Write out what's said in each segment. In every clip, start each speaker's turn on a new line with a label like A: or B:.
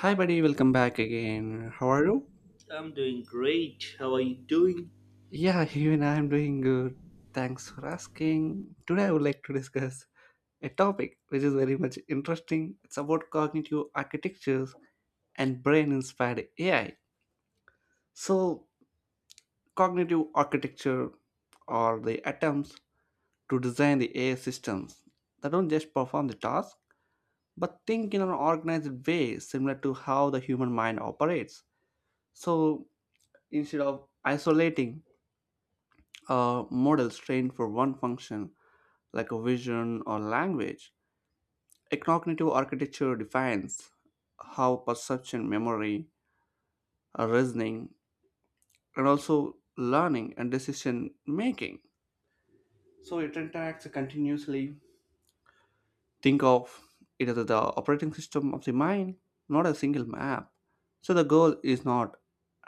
A: Hi, buddy. Welcome back again. How are you?
B: I'm doing great. How are you doing?
A: Yeah, even I am doing good. Thanks for asking. Today, I would like to discuss a topic which is very much interesting. It's about cognitive architectures and brain inspired AI. So, cognitive architecture are the attempts to design the AI systems that don't just perform the task but think in an organized way similar to how the human mind operates. So, instead of isolating models trained for one function, like a vision or language. A cognitive architecture defines how perception, memory, reasoning, and also learning and decision making. So it interacts continuously. Think of it as the operating system of the mind, not a single map. So the goal is not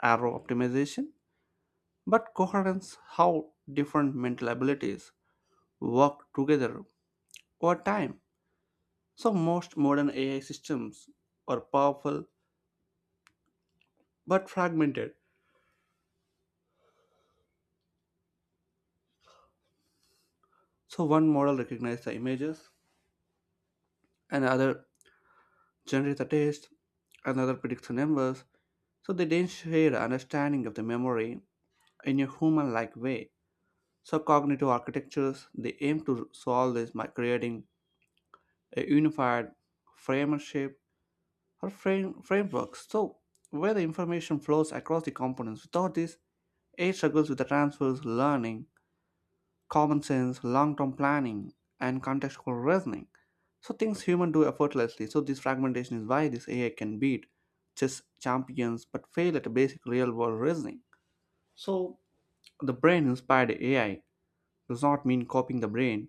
A: arrow optimization, but coherence how different mental abilities work together over time. So most modern AI systems are powerful but fragmented. So one model recognizes the images, another generates the text, another predicts the numbers. So they don't share the understanding of the memory in a human-like way. So cognitive architectures they aim to solve this by creating a unified framework or frameworks. So where the information flows across the components. Without this, AI struggles with the transfers, learning, common sense, long term planning, and contextual reasoning. So, things humans do effortlessly. So, this fragmentation is why this AI can beat chess champions but fail at basic real world reasoning. So, the brain inspired AI does not mean copying the brain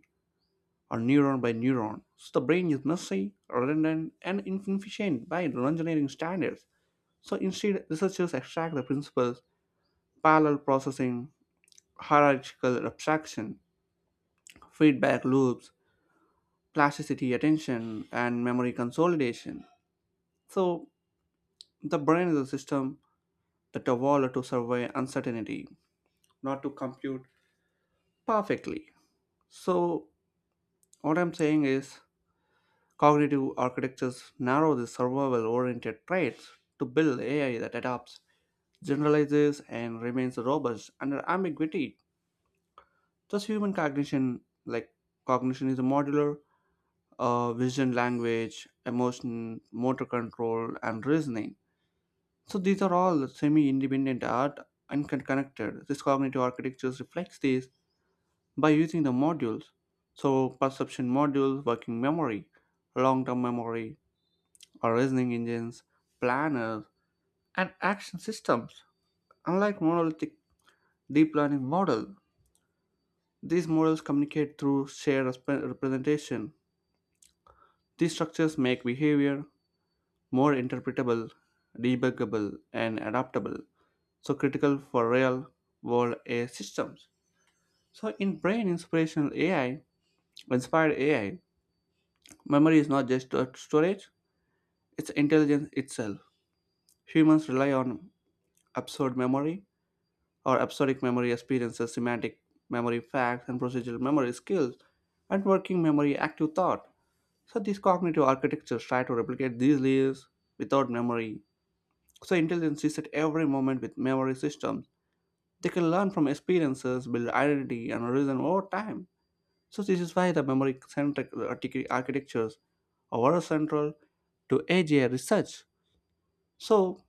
A: or neuron by neuron. So, the brain is messy, redundant, and inefficient by engineering standards. So, instead, researchers extract the principles parallel processing, hierarchical abstraction, feedback loops, plasticity, attention, and memory consolidation. So, the brain is a system that evolved to survey uncertainty, not to compute perfectly. So, what I'm saying is, cognitive architectures narrow the survival oriented traits to build AI that adapts, generalizes, and remains robust under ambiguity. Thus, human cognition, like cognition, is a modular vision, language, emotion, motor control, and reasoning. So these are all semi-independent art and connected. This cognitive architecture reflects this by using the modules. So perception modules, working memory, long-term memory, or reasoning engines, planners, and action systems. Unlike monolithic deep learning model, these models communicate through shared representation. These structures make behavior more interpretable, debuggable, and adaptable. So critical for real world AI systems. So in brain inspired AI, memory is not just a storage, it's intelligence itself. Humans rely on absurd memory or absurdic memory experiences, semantic memory facts and procedural memory skills, and working memory active thought. So these cognitive architectures try to replicate these layers without memory. So intelligence is at every moment with memory systems. They can learn from experiences, build identity and reason over time. So this is why the memory-centric architectures are central to AGI research. So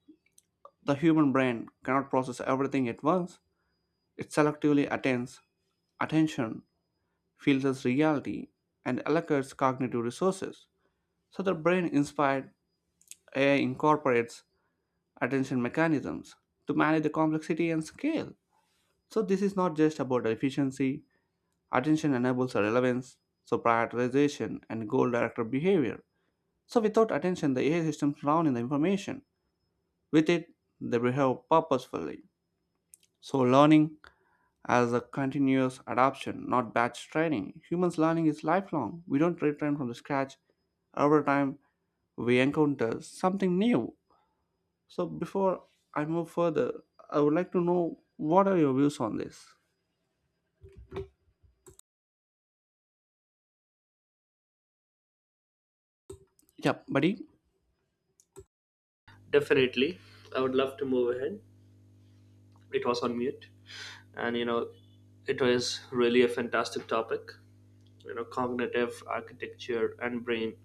A: the human brain cannot process everything at once. It selectively attains attention, filters reality, and allocates cognitive resources. So the brain-inspired AI incorporates attention mechanisms to manage the complexity and scale. So this is not just about efficiency. Attention enables relevance, so prioritization, and goal-directed behavior. So without attention, the AI systems drown in the information. With it, they behave purposefully. So learning as a continuous adaptation, not batch training. Humans learning is lifelong. We don't retrain from the scratch. Every time we encounter something new. So before I move further, I would like to know what are your views on this? Yep, buddy.
B: Definitely. I would love to move ahead. It was on mute. And you know, it was really a fantastic topic. Cognitive architecture and brain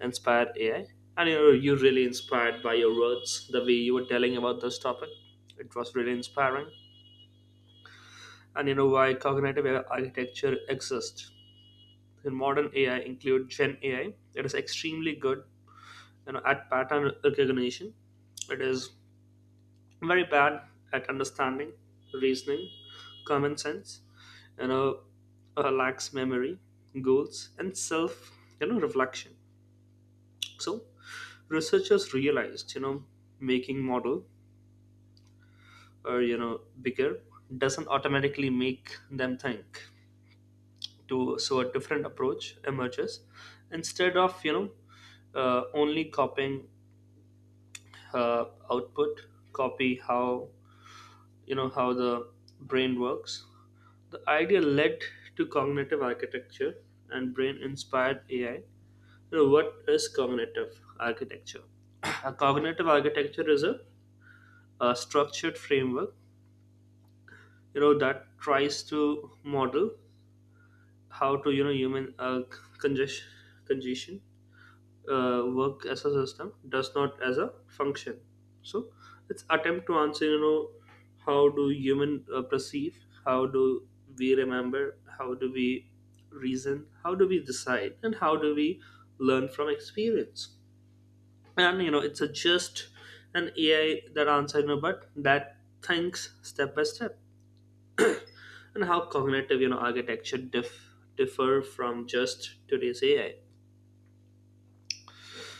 B: inspired AI. You really inspired by your words, the way you were telling about this topic. It was really inspiring. And you know why cognitive AI architecture exists. In modern AI include Gen AI. It is extremely good at pattern recognition. It is very bad at understanding reasoning, common sense you know uh, lacks memory, goals, and self reflection. So researchers realized, making model or bigger doesn't automatically make them think to. So a different approach emerges, instead of only copying uh, output, copy how you know how the brain works. The idea led to cognitive architecture and brain inspired AI. So what is cognitive architecture? A cognitive architecture is a structured framework, that tries to model how to, you know, human uh, congestion, congestion work as a system, does not as a function. So it's attempt to answer how do human perceive, how do we remember, how do we reason, how do we decide, and how do we learn from experience. And it's a just an AI that answer, but that thinks step by step. And how cognitive architecture differ from just today's AI.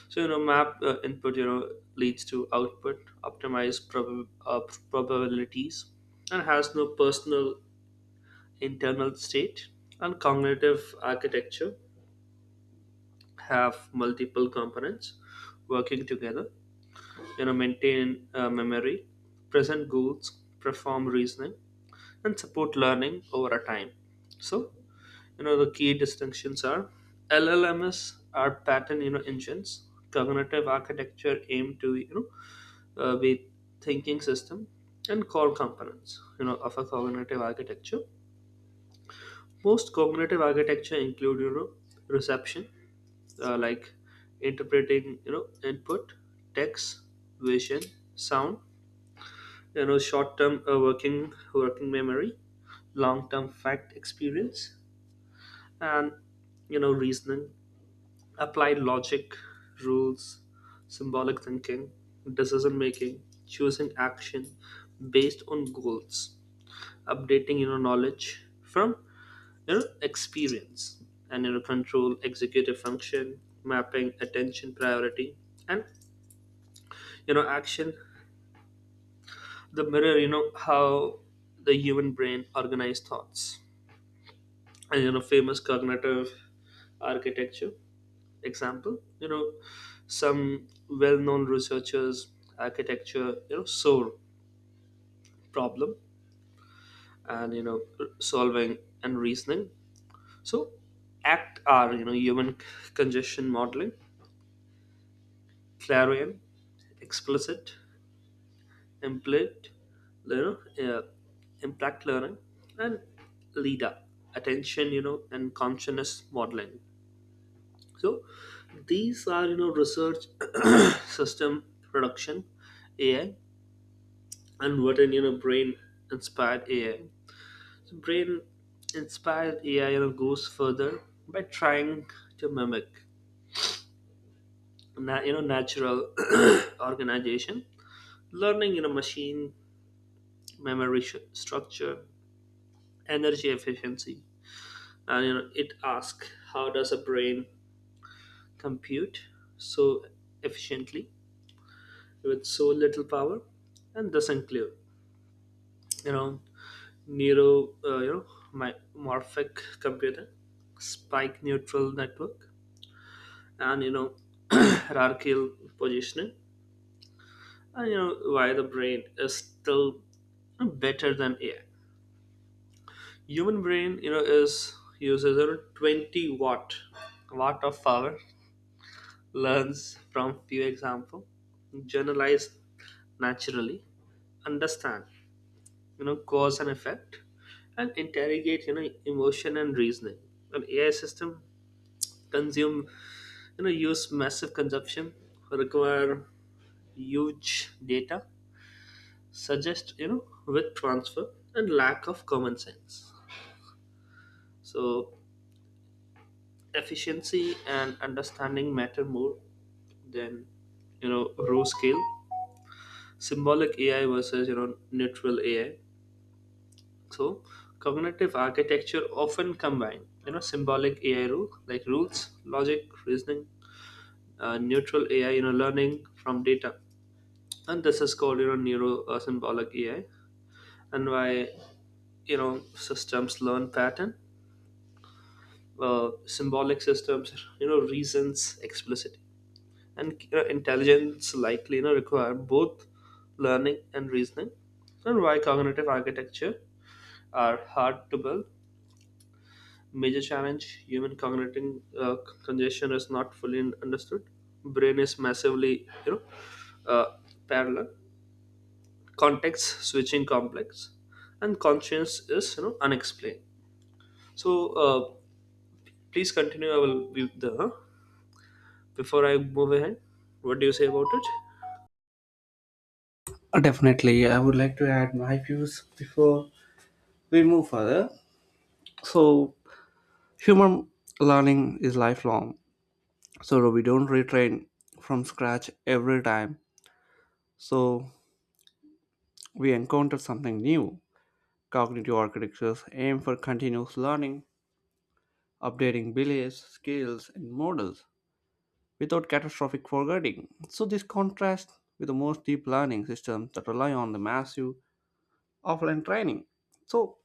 B: So map input leads to output, optimized probabilities, and has no personal internal state. And cognitive architecture have multiple components working together. Maintain memory, present goals, perform reasoning, and support learning over a time. So the key distinctions are LLMs are pattern engines. Cognitive architecture aim to with thinking system, and core components of a cognitive architecture. Most cognitive architecture include reception, like interpreting input, text, vision, sound, short term, working memory, long term fact experience, and reasoning, applied logic, rules, symbolic thinking, decision making, choosing action based on goals, updating knowledge from experience, and control executive function mapping attention priority, and action, the mirror how the human brain organize thoughts, and famous cognitive architecture example, some well-known researchers architecture, soar problem and solving and reasoning. So, ACT are human congestion modeling, clarion, explicit, implicit, you know, uh, impact learning, and LIDA, attention, and consciousness modeling. So, these are research system production AI. And what in brain inspired AI. So brain inspired AI goes further by trying to mimic natural organization, learning machine, memory structure, energy efficiency, and it asks how does a brain compute so efficiently with so little power, and thus include you know neuro my morphic computer, spike neutral network, and hierarchical positioning, and why the brain is still better than AI. Human brain is uses around 20 watt of power, learns from few example, generalize naturally, understand cause and effect, and interrogate emotion and reasoning. An AI system consume use massive consumption, require huge data, suggest with transfer, and lack of common sense. So efficiency and understanding matter more than raw scale. Symbolic AI versus neutral AI. So cognitive architecture often combine symbolic AI rule like rules logic reasoning, neutral AI learning from data, and this is called neuro symbolic AI. And why systems learn pattern, symbolic systems reasons explicitly, and intelligence likely require both learning and reasoning. And why cognitive architecture are hard to build. Major challenge: human cognitive congestion is not fully understood. Brain is massively, parallel. Context switching complex, and conscience is unexplained. So please continue. I will be the before I move ahead. What do you say about it?
A: Definitely, I would like to add my views before we move further. So, human learning is lifelong. So we don't retrain from scratch every time so we encounter something new. Cognitive architectures aim for continuous learning, updating beliefs, skills, and models without catastrophic forgetting. So this contrasts with the most deep learning systems that rely on the massive offline training. So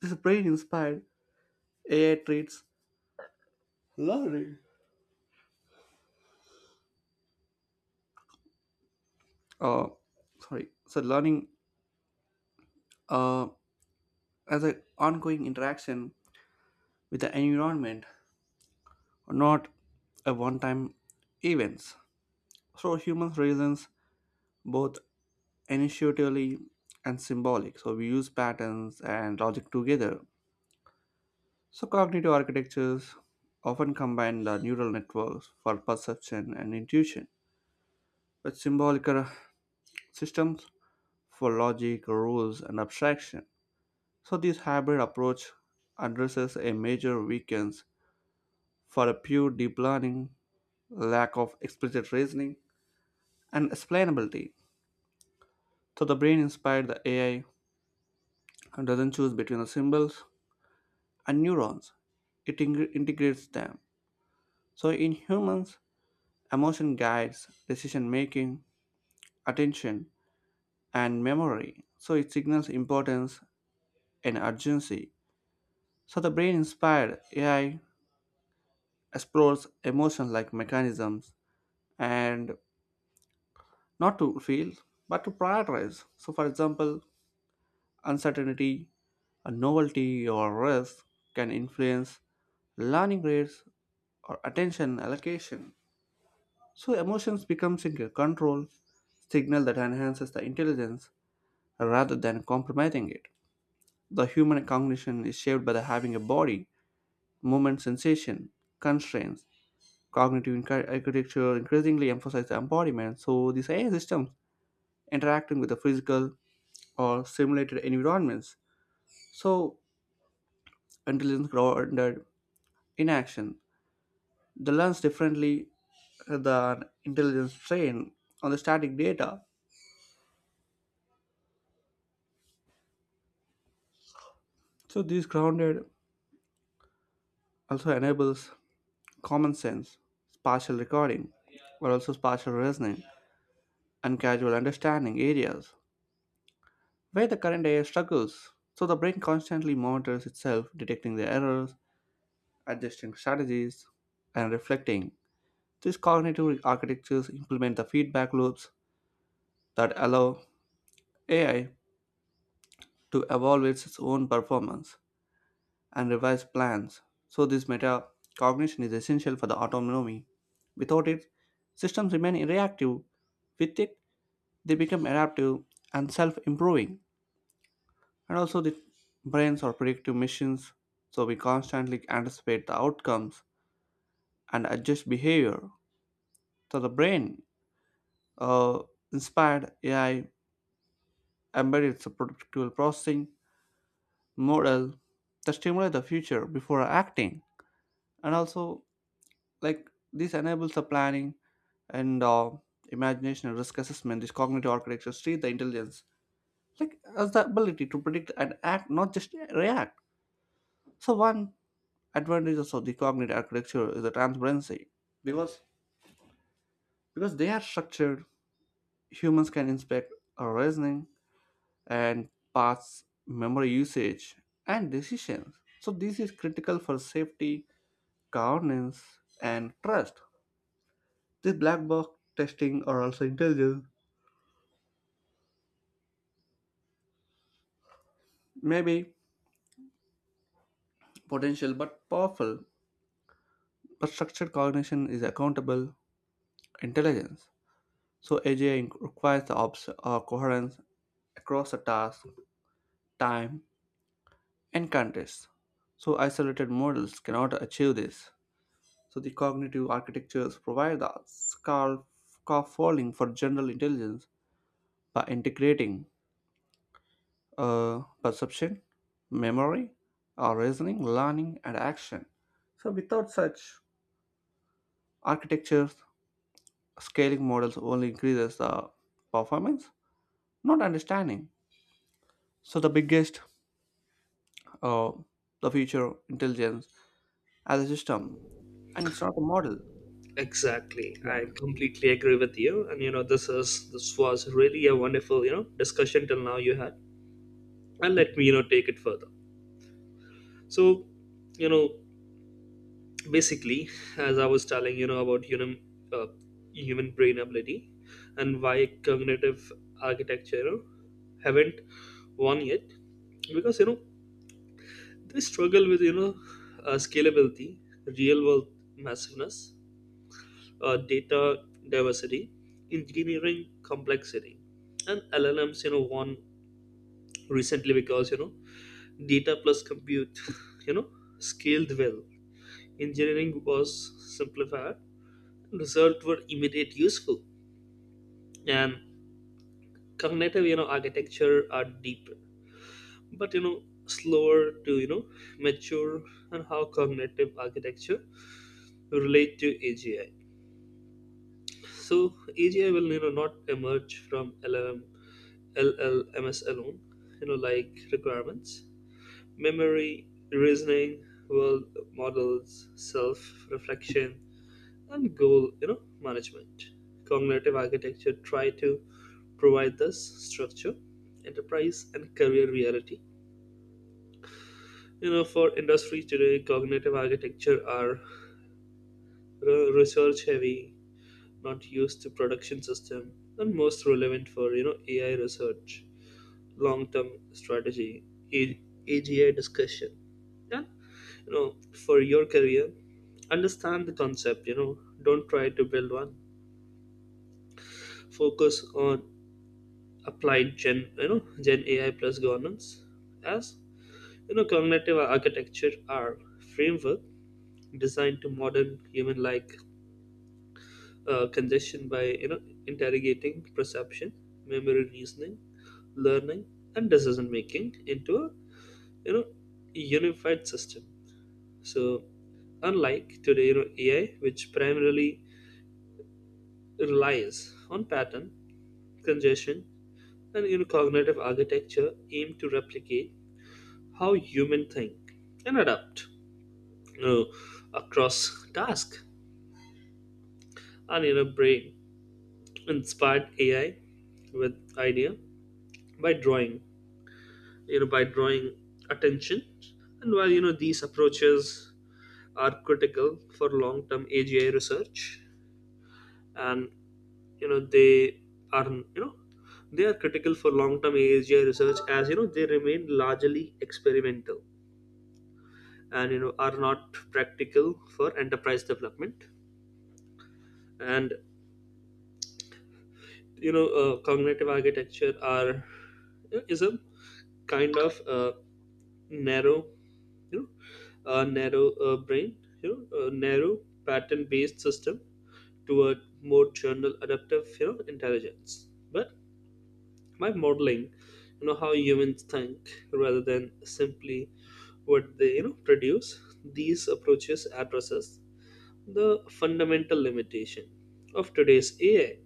A: this brain inspired AI treats learning uh, sorry so learning uh, as an ongoing interaction with the environment, not a one time events. So humans reasons both initiatively and symbolic. So we use patterns and logic together. So cognitive architectures often combine the neural networks for perception and intuition with symbolic systems for logic, rules, and abstraction. So this hybrid approach addresses a major weakness for a pure deep learning, lack of explicit reasoning, and explainability. So the brain inspired the AI doesn't choose between the symbols and neurons, it integrates them. So in humans, emotion guides decision making, attention, and memory. So it signals importance and urgency. So the brain inspired AI explores emotion like mechanisms and not to feel but to prioritize. So, for example, uncertainty, a novelty, or risk can influence learning rates or attention allocation. So emotions becomes a control signal that enhances the intelligence rather than compromising it. The human cognition is shaped by the having a body, movement, sensation, constraints. Cognitive architecture increasingly emphasizes embodiment, so these AI systems interacting with the physical or simulated environments. So intelligence grounded in action. The learns differently than intelligence trained on the static data. So these grounded also enables common sense, spatial recording, but also spatial reasoning and casual understanding areas where the current AI struggles. So the brain constantly monitors itself, detecting the errors, adjusting strategies, and reflecting. These cognitive architectures implement the feedback loops that allow AI to evolve its own performance and revise plans. So, this metacognition is essential for the autonomy. Without it, systems remain reactive. With it, they become adaptive and self improving. And also, the brains are predictive machines, so we constantly anticipate the outcomes and adjust behavior. So, the brain uh, inspired AI embedded its predictable processing model that stimulate the future before acting. And also, like this enables the planning and imagination and risk assessment. This cognitive architecture treat the intelligence like as the ability to predict and act, not just react. So one advantage of the cognitive architecture is the transparency, because because they are structured. Humans can inspect our reasoning and paths, memory usage, and decisions. So this is critical for safety, governance, and trust. This black box testing are also intelligent. Maybe potential but powerful, but structured cognition is accountable intelligence. So AGI requires the coherence across the task, time, and context. So isolated models cannot achieve this. So the cognitive architectures provide the scaffolding for general intelligence by integrating perception, memory, or reasoning, learning, and action. So without such architectures, scaling models only increases the performance, not understanding. So the biggest, uh, the future intelligence as a system, and it's not a model.
B: Exactly.
A: Yeah.
B: I completely agree with you. And this was really a wonderful, discussion till now you had. And let me, take it further. So, you know, basically, as I was telling, about uh, human brain ability, and why cognitive architecture haven't won yet, because they struggle with scalability, real world massiveness, data diversity, engineering complexity, and LLMs. Won recently because data plus compute, you know, scaled well. Engineering was simplified. Results were immediate, useful, and cognitive, architecture are deeper, but slower to mature. And how cognitive architecture relate to AGI. So AGI will not emerge from LLMS alone, like requirements, memory, reasoning, world models, self-reflection, and goal management. Cognitive architecture try to provide this structure, enterprise, and career reality. For industry today, cognitive architecture are research heavy, not used to production system, and most relevant for AI research, long term strategy, AGI discussion. And you know for your career, understand the concept. Don't try to build one. Focus on applied Gen you know Gen AI plus governance, as cognitive architecture are framework designed to modern human like congestion by interrogating perception, memory reasoning, learning, and decision making into a you know unified system. So unlike today AI, which primarily relies on pattern congestion, and cognitive architecture aimed to replicate how human think and adapt, you know, across task, and brain inspired AI with idea by drawing by drawing attention. And while these approaches are critical for long-term AGI research, and you know they are you know they are critical for long-term AGI research, as they remain largely experimental, and are not practical for enterprise development. And cognitive architecture are is a kind of narrow you know, a narrow brain, you know, a narrow pattern-based system, to a more general adaptive, intelligence. But by modeling, how humans think rather than simply what they, produce, these approaches addresses the fundamental limitation of today's AI.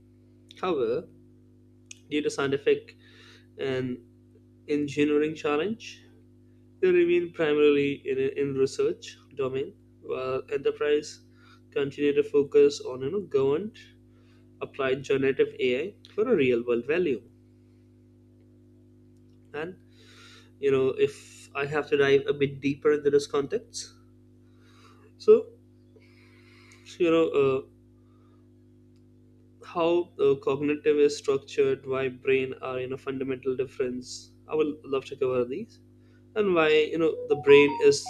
B: However, due to scientific and engineering challenge, they remain primarily in research domain, while enterprise continue to focus on governed applied generative AI for a real world value. And if I have to dive a bit deeper into this context, so you know uh, how cognitive is structured, why brain are fundamental difference. I would love to cover these, and why the brain is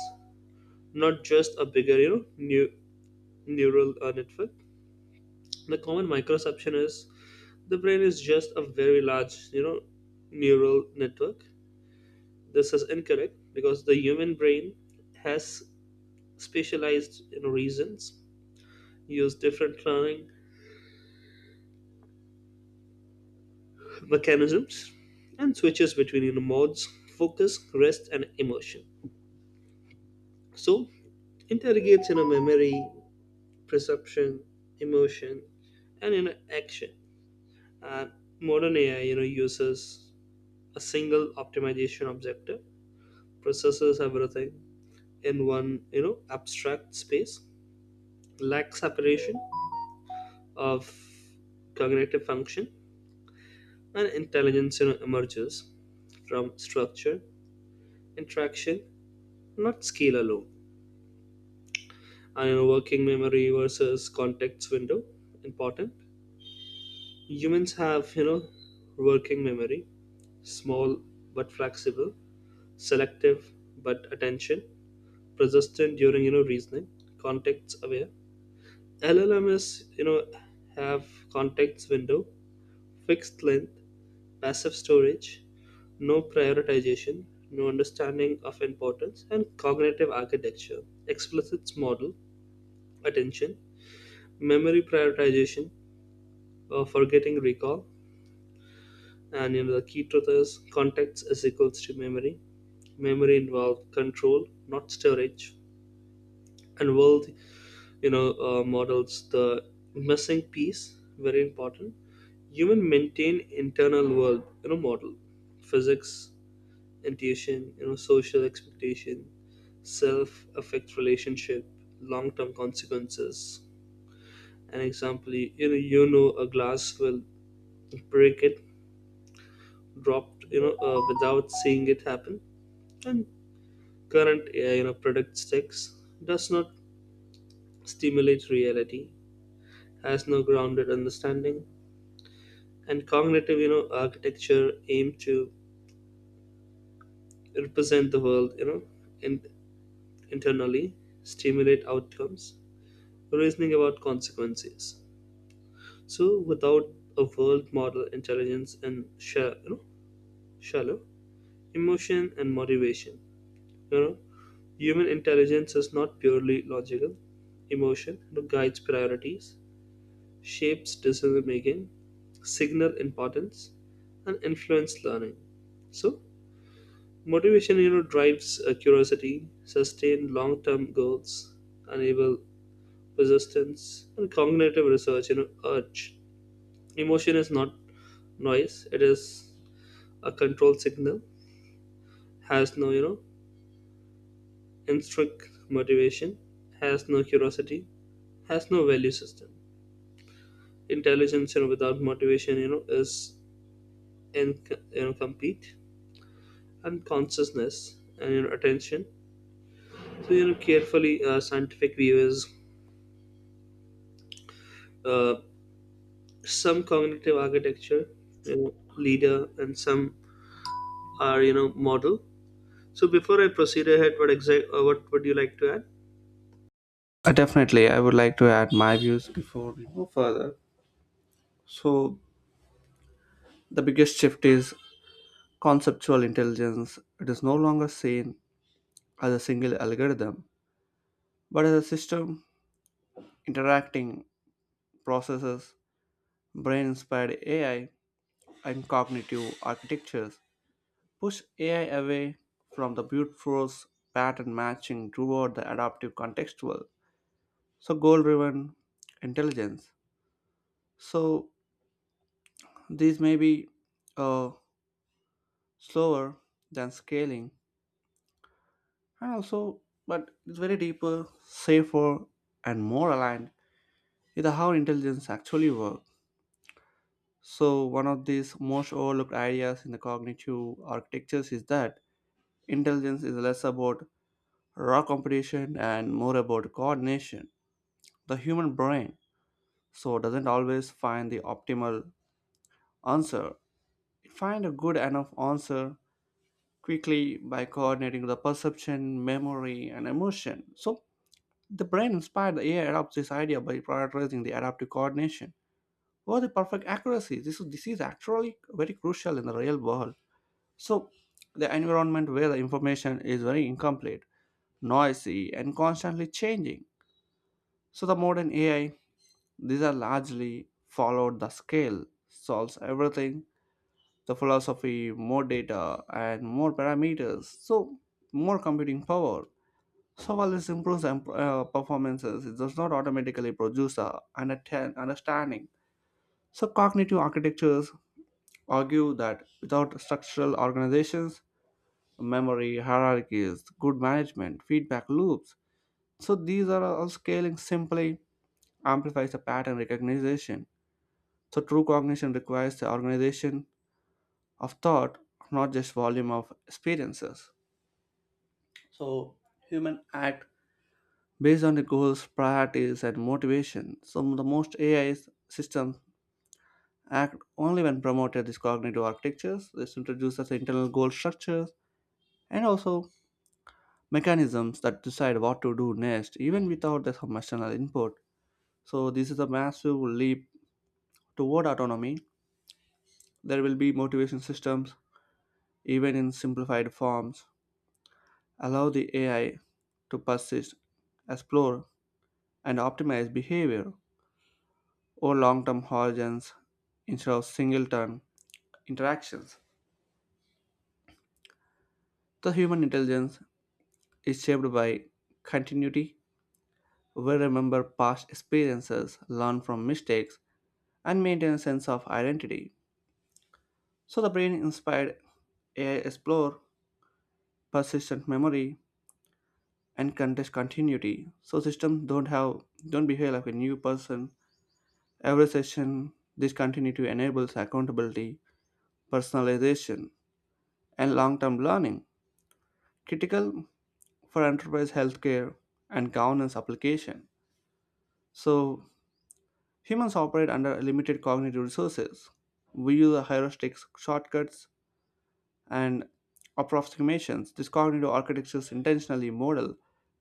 B: not just a bigger you know new neural network. The common microception is the brain is just a very large neural network. This is incorrect because the human brain has specialized reasons, use different learning mechanisms, and switches between modes, focus, rest, and emotion. So interrogates memory, perception, emotion, and action. And modern AI uses a single optimization objective, processes everything in one abstract space, lack separation of cognitive function, and intelligence emerges from structure interaction, not scale alone. And working memory versus context window important. Humans have working memory, small but flexible, selective but attention persistent during reasoning, context aware. LLM is have context window, fixed length, passive storage, no prioritization, no understanding of importance, and cognitive architecture, explicit model, attention, memory prioritization, forgetting recall, and the key truth is context is equals to memory. Memory involved control, not storage. And world models the missing piece, very important. Human maintain internal world model, physics intuition, social expectation, self-affect relationship, long-term consequences. An example, a glass will break it, dropped, without seeing it happen. And current, product sticks does not stimulate reality, has no grounded understanding, and cognitive, architecture aim to represent the world, in, internally, stimulate outcomes, reasoning about consequences. So, without a world model, intelligence and shallow emotion and motivation, you know, human intelligence is not purely logical. Emotion guides priorities, shapes decision making, signal importance, and influence learning. So, motivation, drives curiosity, sustain long-term goals, enable persistence, and cognitive research, urge emotion is not noise; it is a control signal. Has no, intrinsic motivation. Has no curiosity. Has no value system. Intelligence, without motivation, is in complete, and consciousness and attention. So carefully scientific view is uh, some cognitive architecture, leader, and some are model. So before I proceed ahead, what would you like to add?
A: Definitely. I would like to add my views before we move further. So the biggest shift is conceptual intelligence. It is no longer seen as a single algorithm, but as a system interacting processes, brain-inspired AI, and cognitive architectures push AI away from the beautiful pattern matching toward the adaptive contextual, so goal driven intelligence. So these may be uh, slower than scaling, and also, but it's very deeper, safer, and more aligned with how intelligence actually works. So one of these most overlooked ideas in the cognitive architectures is that intelligence is less about raw competition and more about coordination. The human brain so doesn't always find the optimal answer. It finds a good enough answer quickly by coordinating the perception, memory, and emotion. So the brain inspired the AI adopts this idea by prioritizing the adaptive coordination over the perfect accuracy. This is actually very crucial in the real world. So the environment where the information is very incomplete, noisy, and constantly changing. So the modern AI these are largely followed the scale, solves everything, the philosophy, more data and more parameters, so more computing power. So while this improves performances, it does not automatically produce a understanding. So cognitive architectures argue that without structural organizations, memory, hierarchies, good management, feedback loops, so these are all scaling simply amplifies the pattern recognition. So true cognition requires the organization of thought, not just volume of experiences. So human act based on the goals, priorities, and motivation. Some of the most AI systems act only when promoted these cognitive architectures. This introduces internal goal structures and also mechanisms that decide what to do next, even without the some external input. So this is a massive leap toward autonomy. There will be motivation systems even in simplified forms allow the AI to persist, explore, and optimize behavior or long term horizons instead of single term interactions. The human intelligence is shaped by continuity. We remember past experiences, learn from mistakes, and maintain a sense of identity. So the brain inspired AI explore persistent memory and contest continuity. So systems don't behave like a new person every session. This continuity enables accountability, personalization, and long term learning, critical for enterprise healthcare and governance application. So, humans operate under limited cognitive resources. We use heuristic shortcuts and approximations. This cognitive architectures intentionally model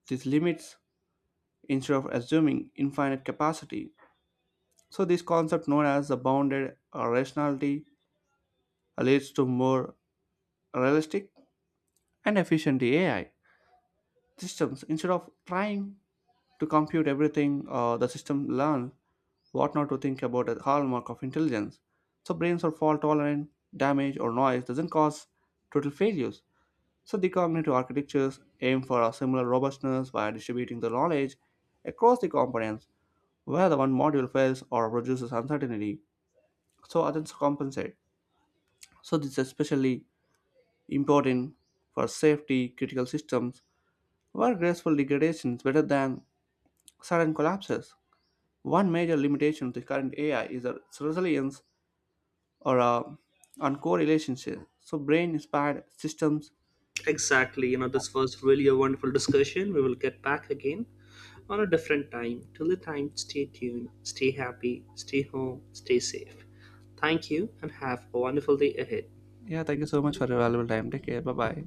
A: these limits instead of assuming infinite capacity. So, this concept known as the bounded rationality leads to more realistic and efficient AI systems. Instead of trying to compute everything, the system learns what not to think about as hallmark of intelligence. So brains are fault tolerant, damage or noise doesn't cause total failures. So the cognitive architectures aim for a similar robustness by distributing the knowledge across the components where the one module fails or produces uncertainty, so others compensate. So this is especially important for safety critical systems where graceful degradation is better than sudden collapses. One major limitation to current AI is its resilience or on core relationship. So brain inspired systems.
B: Exactly. This was really a wonderful discussion. We will get back again on a different time. Till the time, stay tuned, stay happy, stay home, stay safe. Thank you, and have a wonderful day ahead.
A: Yeah, thank you so much for your valuable time. Take care. Bye bye.